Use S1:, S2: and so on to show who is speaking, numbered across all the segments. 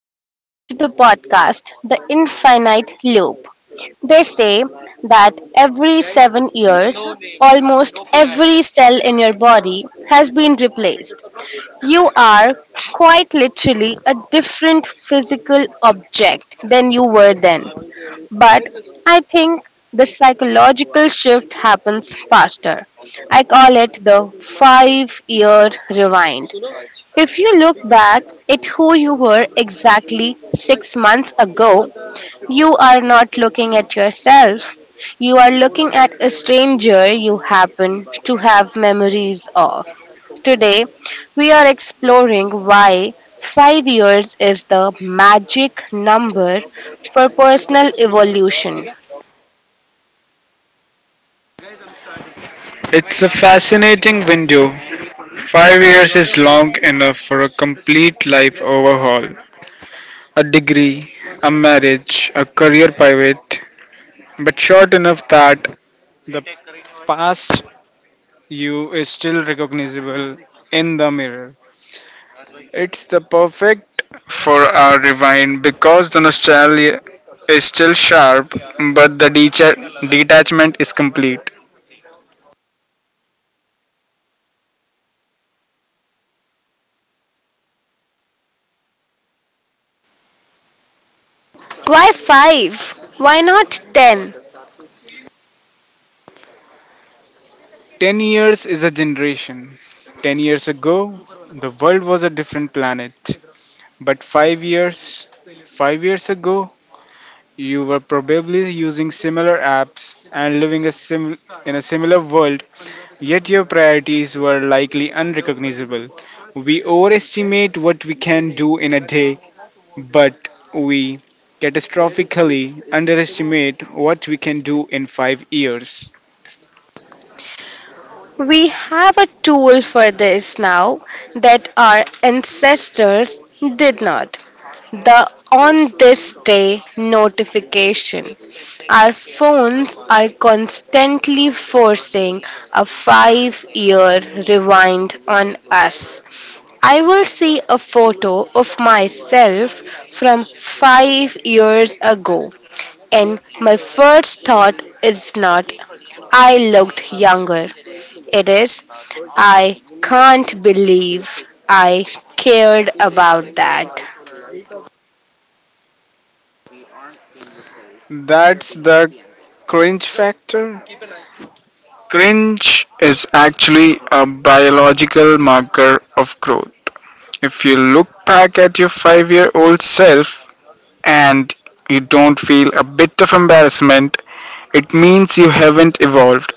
S1: welcome to the podcast, The Infinite Loop. They say that every 7 years, almost every cell in your body has been replaced. You are quite literally a different physical object than you were then. But I think the psychological shift happens faster. I call it the 5 year rewind. If you look back at who you were exactly 6 months ago, you are not looking at yourself. You are looking at a stranger you happen to have memories of. Today, we are exploring why 5 years is the magic number for personal evolution.
S2: It's a fascinating window. 5 years is long enough for a complete life overhaul, a degree, a marriage, a career pivot, but short enough that the past you is still recognizable in the mirror. It's the perfect for our rewind because the nostalgia is still sharp, but the detachment is complete.
S1: Why five? Why not ten?
S2: 10 years is a generation. 10 years ago, the world was a different planet. But 5 years, 5 years ago, you were probably using similar apps and living in a similar world, yet your priorities were likely unrecognizable. We overestimate what we can do in a day, but we catastrophically underestimate what we can do in 5 years.
S1: We have a tool for this now that our ancestors did not. The on this day notification. Our phones are constantly forcing a 5 year rewind on us. I will see a photo of myself from 5 years ago, and my first thought is not, I looked younger, it is, I can't believe I cared about that.
S2: That's the cringe factor. Cringe is actually a biological marker of growth. If you look back at your 5-year old self and you don't feel a bit of embarrassment, it means you haven't evolved.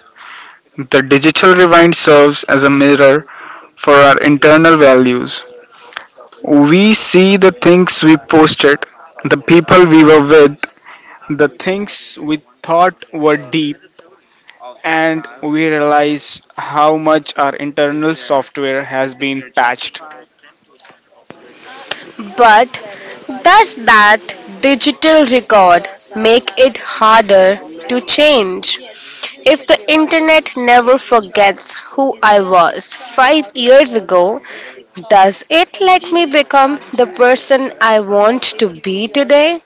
S2: The digital rewind serves as a mirror for our internal values. We see the things we posted, the people we were with, the things we thought were deep, and we realize how much our internal software has been patched.
S1: But does that digital record make it harder to change? If the internet never forgets who I was 5 years ago, does it let me become the person I want to be today?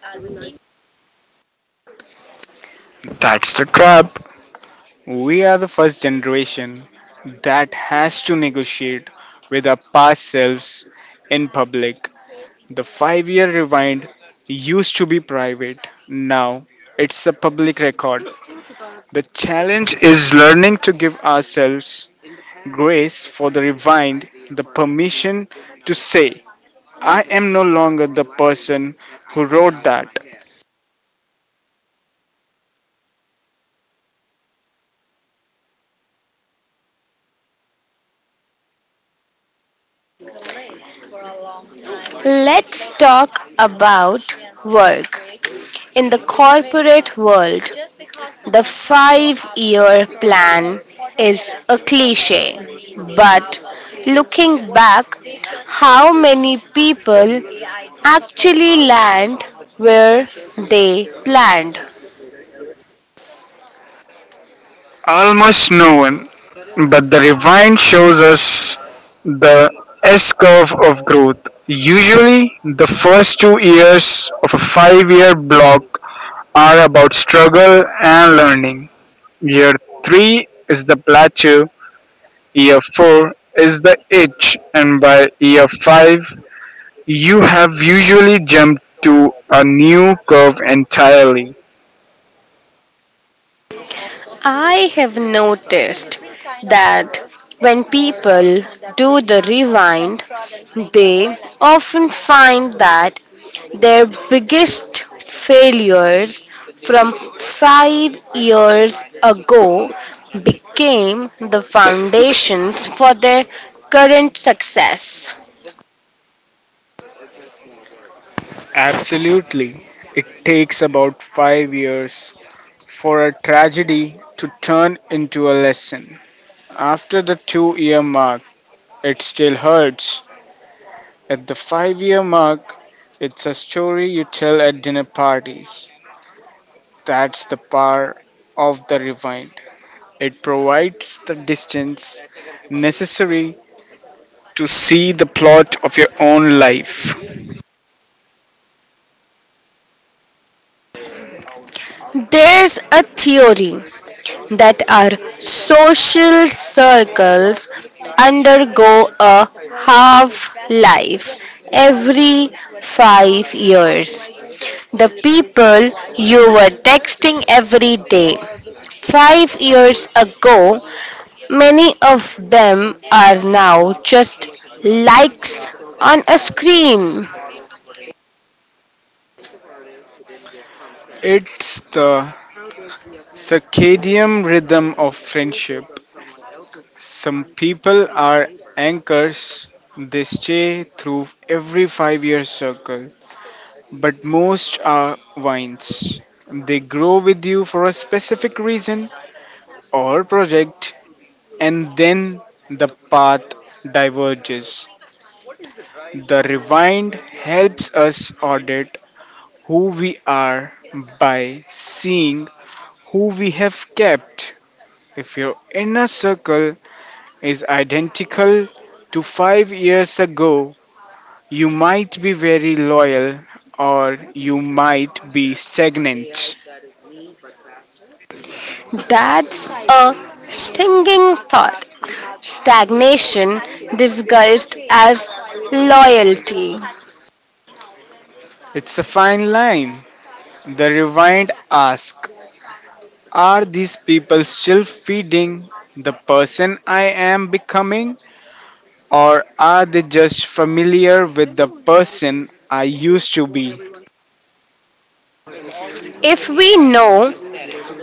S2: That's the trap. We are the first generation that has to negotiate with our past selves in public. The 5-year rewind used to be private, now it's a public record. The challenge is learning to give ourselves grace for the rewind, the permission to say, I am no longer the person who wrote that.
S1: Let's talk about work. In the corporate world, the 5 year plan is a cliche, but looking back, how many people actually land where they planned?
S2: Almost no one. But the rewind shows us the S curve of growth. Usually, the first 2 years of a 5-year block are about struggle and learning. Year three is the plateau, year four is the itch, and by year five, you have usually jumped to a new curve entirely.
S1: I have noticed that when people do the rewind, they often find that their biggest failures from 5 years ago became the foundations for their current success.
S2: Absolutely. It takes about 5 years for a tragedy to turn into a lesson. After the 2-year mark, it still hurts. At the 5-year mark, it's a story you tell at dinner parties. That's the power of the rewind. It provides the distance necessary to see the plot of your own life.
S1: There's a theory that our social circles undergo a half life every 5 years. The people you were texting every day 5 years ago, many of them are now just likes on a screen.
S2: It's the circadian rhythm of friendship. Some people are anchors, they stay through every 5-year circle, but most are vines. They grow with you for a specific reason or project, and then the path diverges. The rewind helps us audit who we are by seeing who we have kept. If your inner circle is identical to 5 years ago, you might be very loyal or you might be stagnant.
S1: That's a stinging thought. Stagnation disguised as loyalty.
S2: It's a fine line. The rewind asks, are these people still feeding the person I am becoming, or are they just familiar with the person I used to be?
S1: If we know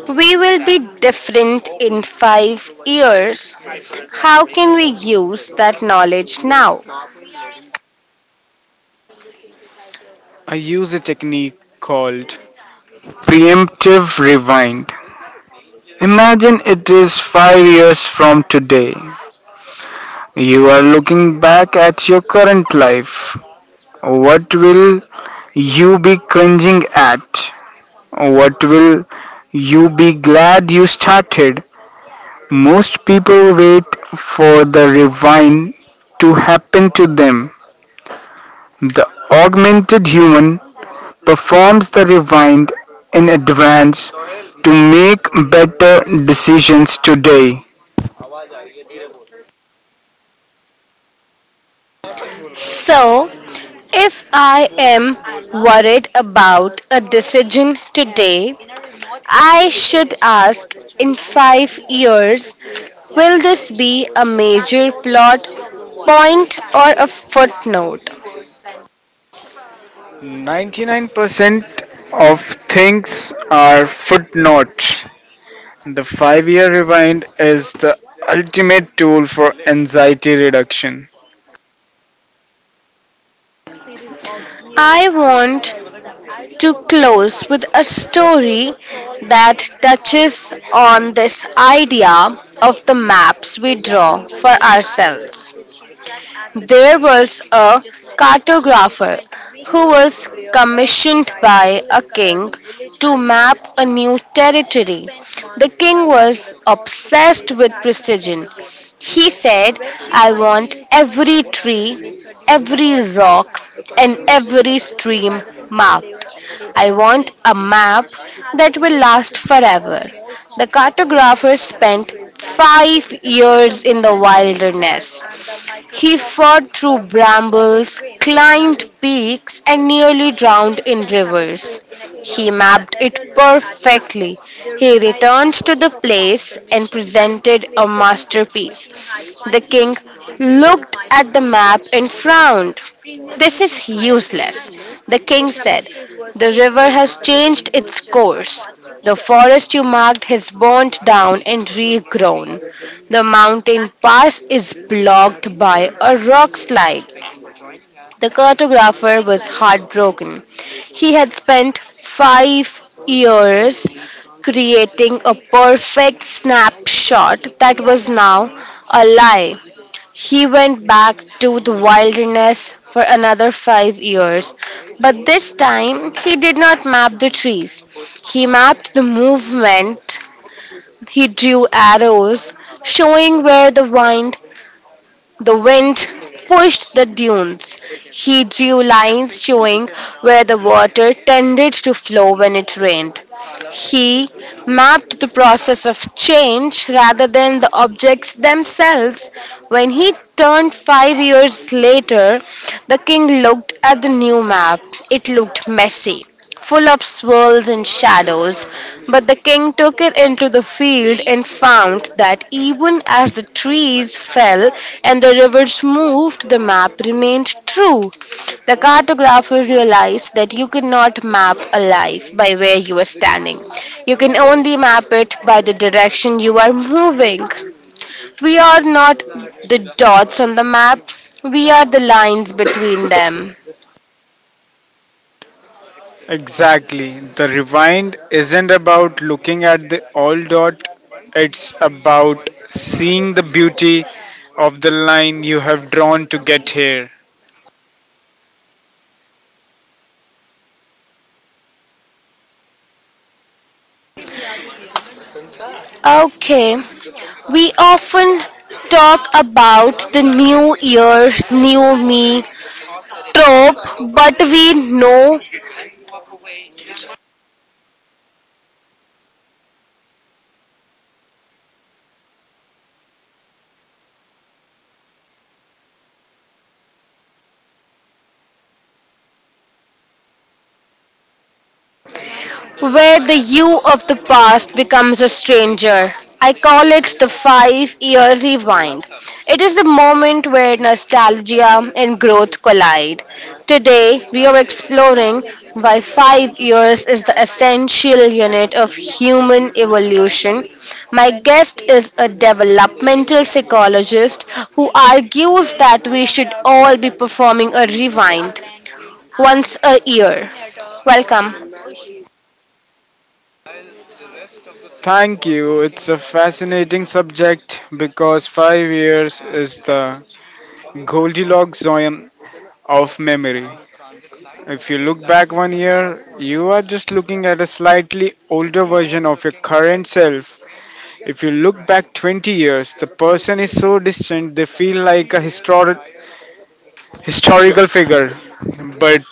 S1: we will be different in 5 years, how can we use that knowledge now?
S2: I use a technique called preemptive rewind. Imagine it is 5 years from today. You are looking back at your current life. What will you be cringing at? What will you be glad you started? Most people wait for the rewind to happen to them. The augmented human performs the rewind in advance to make better decisions today.
S1: So, if I am worried about a decision today, I should ask, in 5 years, will this be a major plot point or a footnote?
S2: 99% of things are footnotes. The 5-year rewind is the ultimate tool for anxiety reduction.
S1: I want to close with a story that touches on this idea of the maps we draw for ourselves. There was a cartographer who was commissioned by a king to map a new territory. The king was obsessed with precision. He said, I want every tree, every rock, and every stream marked. I want a map that will last forever. The cartographer spent 5 years in the wilderness. He fought through brambles, climbed peaks, and nearly drowned in rivers. He mapped it perfectly. He returned to the place and presented a masterpiece. The king looked at the map and frowned. This is useless, the king said. The river has changed its course. The forest you marked has burned down and regrown. The mountain pass is blocked by a rock slide. The cartographer was heartbroken. He had spent 5 years creating a perfect snapshot that was now a lie. He went back to the wilderness for another 5 years, but this time he did not map the trees. He mapped the movement. He drew arrows showing where the wind pushed the dunes. He drew lines showing where the water tended to flow when it rained. He mapped the process of change rather than the objects themselves. When he turned 5 years later, the king looked at the new map. It looked messy, full of swirls and shadows. But the king took it into the field and found that even as the trees fell and the rivers moved, the map remained true. The cartographer realized that you cannot map a life by where you are standing, you can only map it by the direction you are moving. We are not the dots on the map, we are the lines between them.
S2: Exactly. The rewind isn't about looking at the old dot, it's about seeing the beauty of the line you have drawn to get here.
S1: Okay, we often talk about the new year, new me trope, but we know where the you of the past becomes a stranger. I call it the 5 year rewind. It is the moment where nostalgia and growth collide. Today, we are exploring why 5 years is the essential unit of human evolution. My guest is a developmental psychologist who argues that we should all be performing a rewind once a year. Welcome.
S2: Thank you. It's a fascinating subject because 5 years is the Goldilocks zone of memory. If you look back one year, you are just looking at a slightly older version of your current self. If you look back 20 years, the person is so distant they feel like a historical figure. But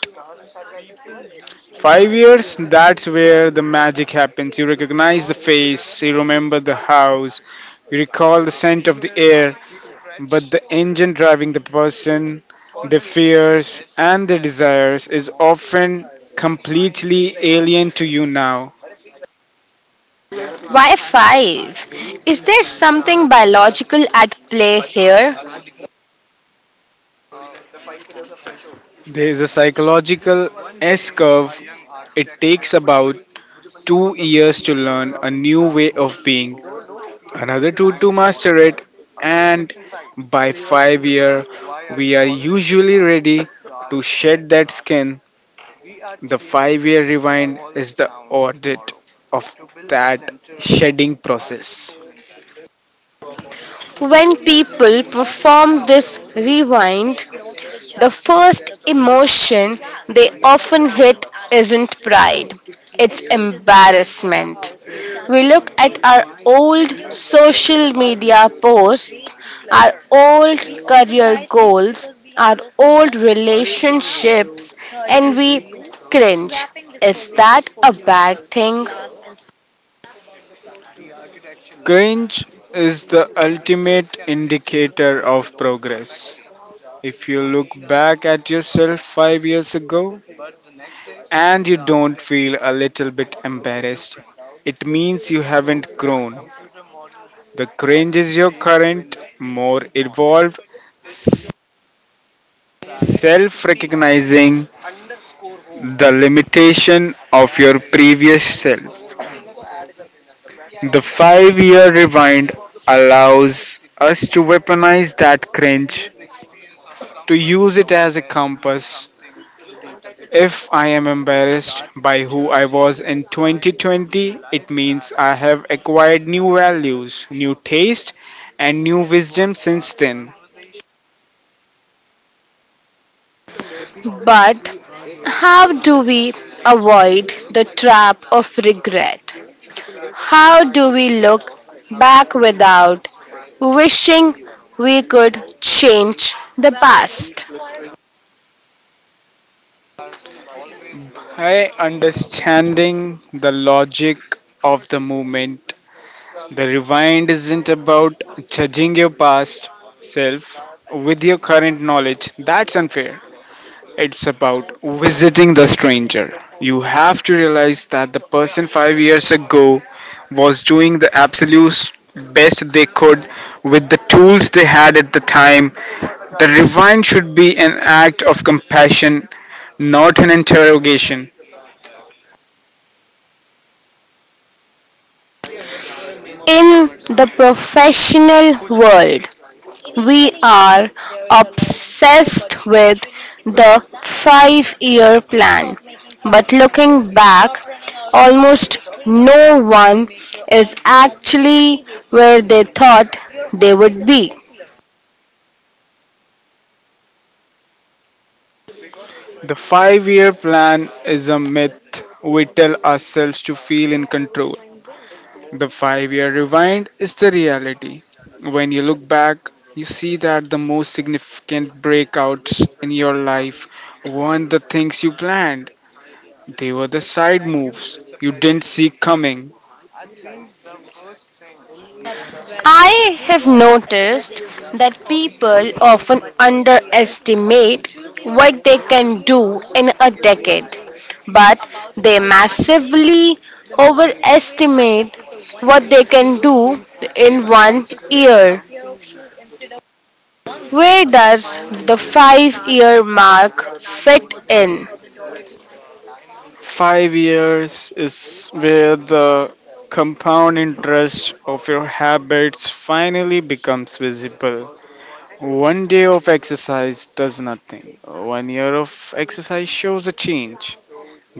S2: 5 years, that's where the magic happens. You recognize the face, you remember the house, you recall the scent of the air, but the engine driving the person, their fears, and their desires is often completely alien to you now.
S1: Why five? Is there something biological at play here?
S2: There is a psychological S curve. It takes about 2 years to learn a new way of being, another two to master it, and by 5-year we are usually ready to shed that skin. The 5-year rewind is the audit of that shedding process.
S1: When people perform this rewind, the first emotion they often hit isn't pride, it's embarrassment. We look at our old social media posts, our old career goals, our old relationships, and we cringe. Is that a bad thing?
S2: Cringe is the ultimate indicator of progress. If you look back at yourself 5 years ago, and you don't feel a little bit embarrassed, it means you haven't grown. The cringe is your current, more evolved self recognizing the limitation of your previous self. The 5-year rewind allows us to weaponize that cringe, to use it as a compass. If I am embarrassed by who I was in 2020, it means I have acquired new values, new taste, and new wisdom since then.
S1: But how do we avoid the trap of regret? How do we look back without wishing we could change the past?
S2: I understanding the logic of the movement. The rewind isn't about judging your past self with your current knowledge. That's unfair. It's about visiting the stranger. You have to realize that the person 5 years ago was doing the absolute best they could with the tools they had at the time. The rewind should be an act of compassion, not an interrogation.
S1: In the professional world, we are obsessed with the 5 year plan. But looking back, almost no one is actually where they thought they would be.
S2: The 5-year plan is a myth we tell ourselves to feel in control. The 5-year rewind is the reality. When you look back, you see that the most significant breakouts in your life weren't the things you planned, they were the side moves you didn't see coming.
S1: I have noticed that people often underestimate what they can do in a decade, but they massively overestimate what they can do in 1 year. Where does the 5 year mark fit in?
S2: 5 years is where the compound interest of your habits finally becomes visible. One day of exercise does nothing. One year of exercise shows a change,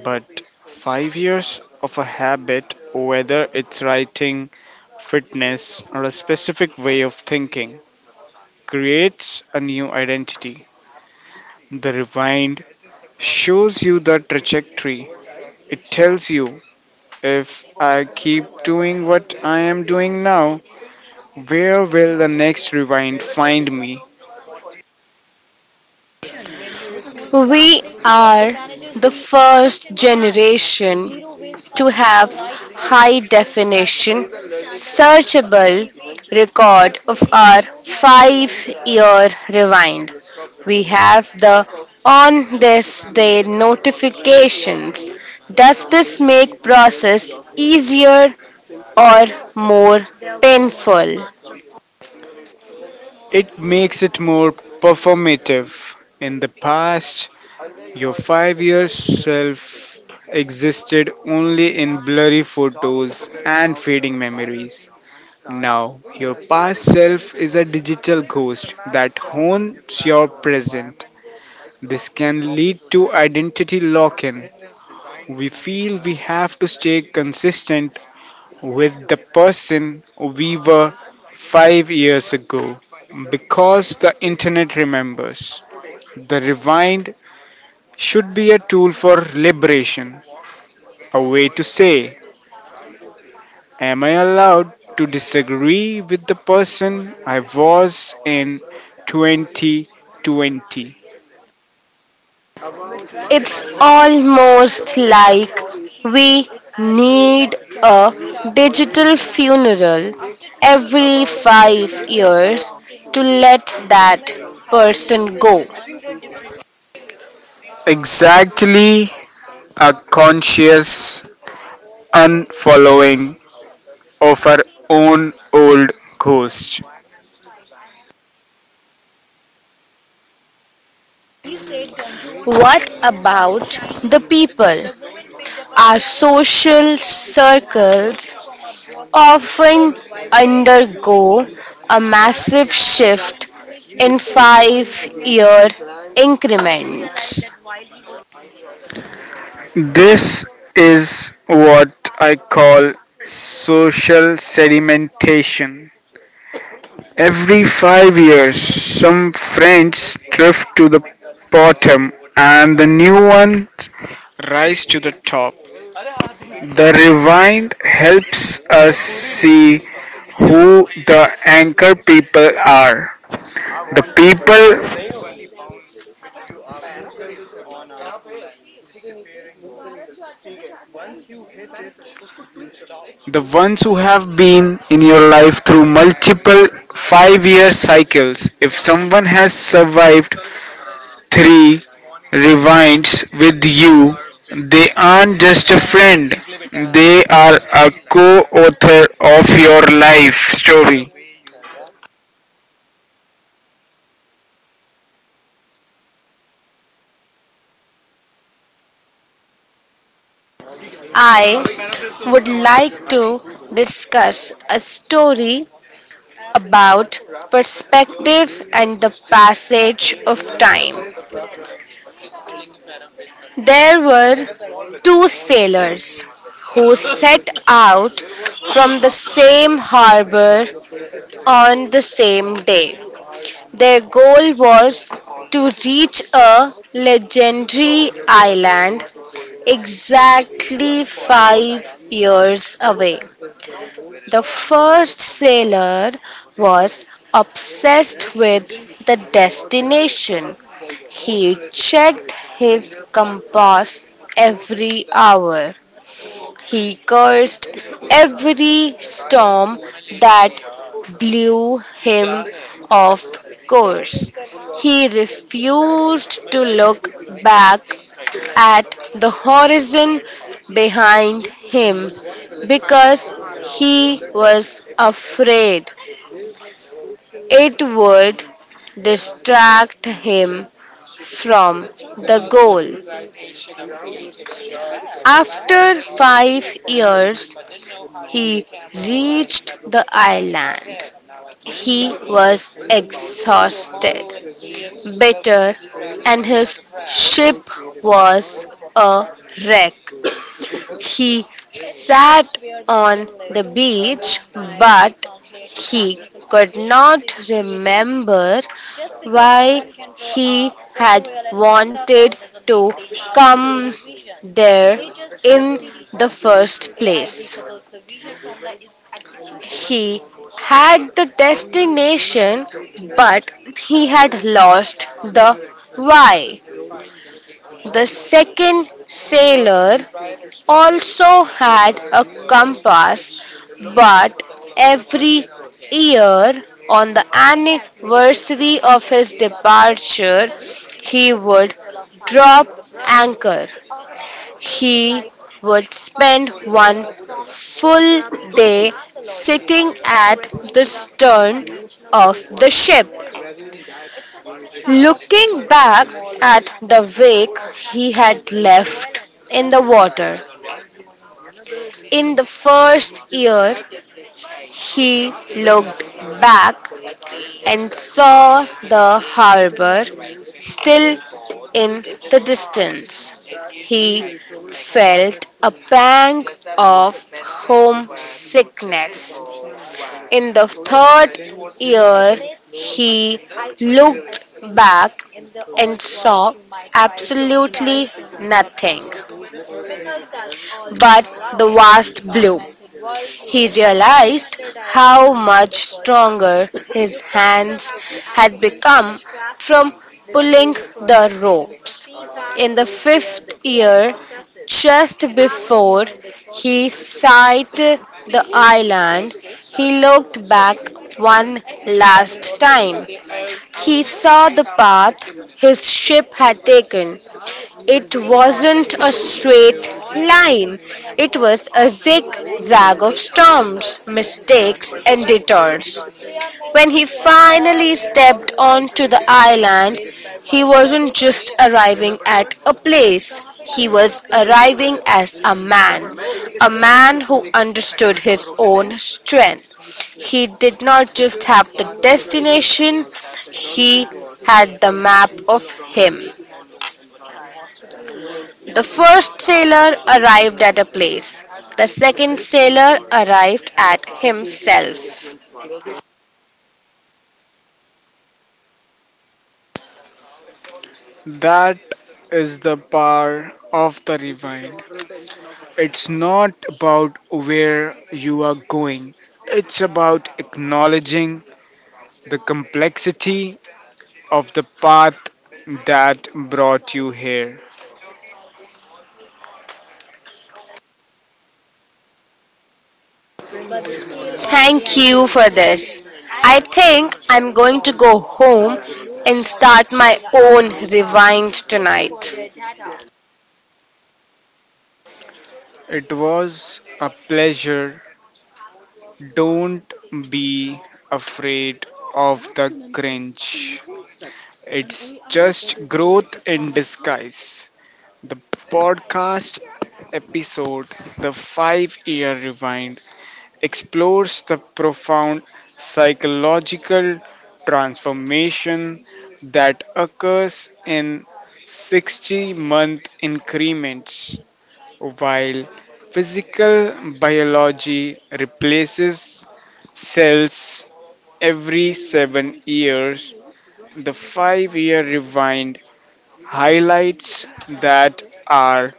S2: but... 5 years of a habit, whether it's writing, fitness, or a specific way of thinking, creates a new identity. The rewind shows you the trajectory. It tells you, if I keep doing what I am doing now, where will the next rewind find me?
S1: We are the first generation to have high definition, searchable record of our 5 year rewind. We have the on this day notifications. Does this make process easier or more painful?
S2: It makes it more performative. In the past, your 5-year self existed only in blurry photos and fading memories. Now, your past self is a digital ghost that haunts your present. This can lead to identity lock in. We feel we have to stay consistent with the person we were 5 years ago because the internet remembers. The rewind should be a tool for liberation, a way to say, am I allowed to disagree with the person I was in 2020?
S1: It's almost like we need a digital funeral every 5 years to let that person go.
S2: Exactly, a conscious unfollowing of our own old ghost.
S1: What about the people? Our social circles often undergo a massive shift in 5 year increments.
S2: This is what I call social sedimentation. Every 5 years, some friends drift to the bottom and the new ones rise to the top. The rewind helps us see who the anchor people are. The people, the ones who have been in your life through multiple 5-year cycles. If someone has survived three rewinds with you, they aren't just a friend, they are a co author of your life story.
S1: I would like to discuss a story about perspective and the passage of time. There were two sailors who set out from the same harbor on the same day. Their goal was to reach a legendary island exactly 5 years away. The first sailor was obsessed with the destination. He checked his compass every hour. He cursed every storm that blew him off course. He refused to look back at the horizon behind him because he was afraid it would distract him from the goal. After 5 years, he reached the island. He was exhausted, bitter, and his ship was a wreck. He sat on the beach, but he could not remember why he had wanted to come there in the first place. He had the destination, but he had lost the why. The second sailor also had a compass, but every year on the anniversary of his departure, he would drop anchor. He would spend one full day sitting at the stern of the ship, looking back at the wake he had left in the water. In the first year, he looked back and saw the harbor still in the distance. He felt a pang of homesickness. In the third year, he looked back and saw absolutely nothing but the vast blue. He realized how much stronger his hands had become from pulling the ropes. In the fifth year, just before he sighted the island, he looked back one last time. He saw the path his ship had taken. It wasn't a straight line, it was a zigzag of storms, mistakes, and detours. When he finally stepped onto the island, he wasn't just arriving at a place. He was arriving as a man who understood his own strength. He did not just have the destination, he had the map of him. The first sailor arrived at a place. The second sailor arrived at himself.
S2: That is the power of the rewind. It's not about where you are going, it's about acknowledging the complexity of the path that brought you here.
S1: Thank you for this. I think I'm going to go home and start my own rewind tonight.
S2: It was a pleasure. Don't be afraid of the cringe. It's just growth in disguise. The podcast episode, The 5-Year Rewind, explores the profound psychological transformation that occurs in 60-month increments. While physical biology replaces cells every 7 years, the 5-year rewind highlights that our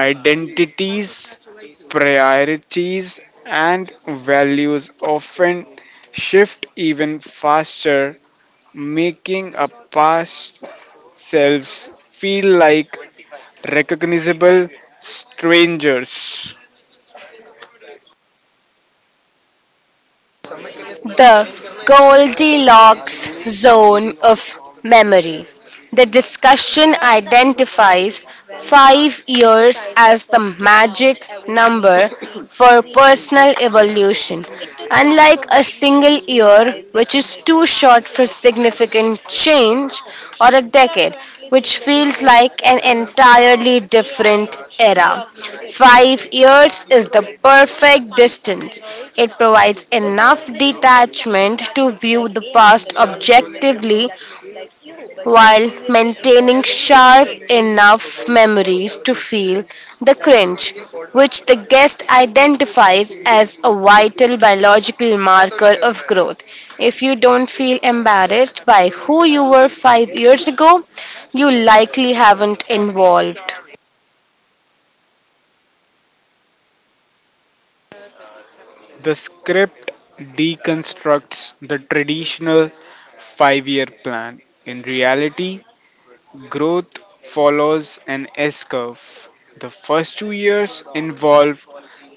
S2: identities, priorities, and values often shift even faster, making a past selves feel like recognizable strangers.
S1: The Goldilocks zone of memory. The discussion identifies 5 years as the magic number for personal evolution, unlike a single year, which is too short for significant change, or a decade, which feels like an entirely different era. 5 years is the perfect distance. It provides enough detachment to view the past objectively while maintaining sharp enough memories to feel the cringe, which the guest identifies as a vital biological marker of growth. If you don't feel embarrassed by who you were 5 years ago, you likely haven't evolved.
S2: The script deconstructs the traditional 5-year plan. In reality, growth follows an S curve. The first 2 years involve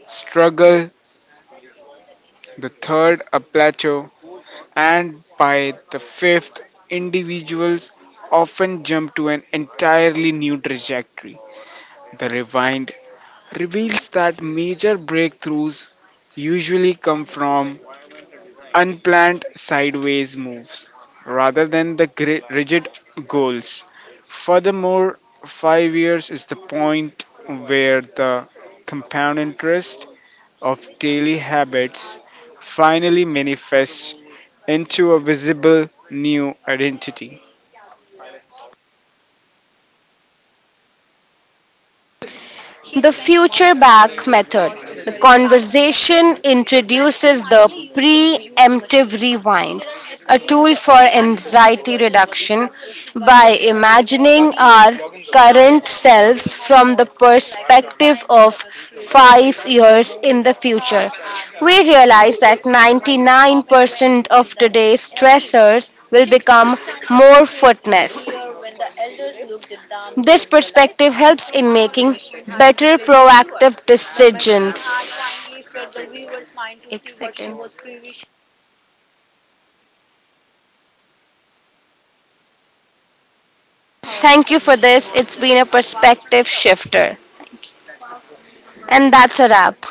S2: struggle, the third a plateau, and by the fifth, individuals often jump to an entirely new trajectory. The rewind reveals that major breakthroughs usually come from unplanned sideways moves rather than the rigid goals. Furthermore, 5 years is the point where the compound interest of daily habits finally manifests into a visible new identity.
S1: The future back method. The conversation introduces the preemptive rewind, a tool for anxiety reduction by imagining our current selves from the perspective of 5 years in the future. We realize that 99% of today's stressors will become more fitness, this perspective helps in making better proactive decisions. Thank you for this. It's been a perspective shifter. And that's a wrap.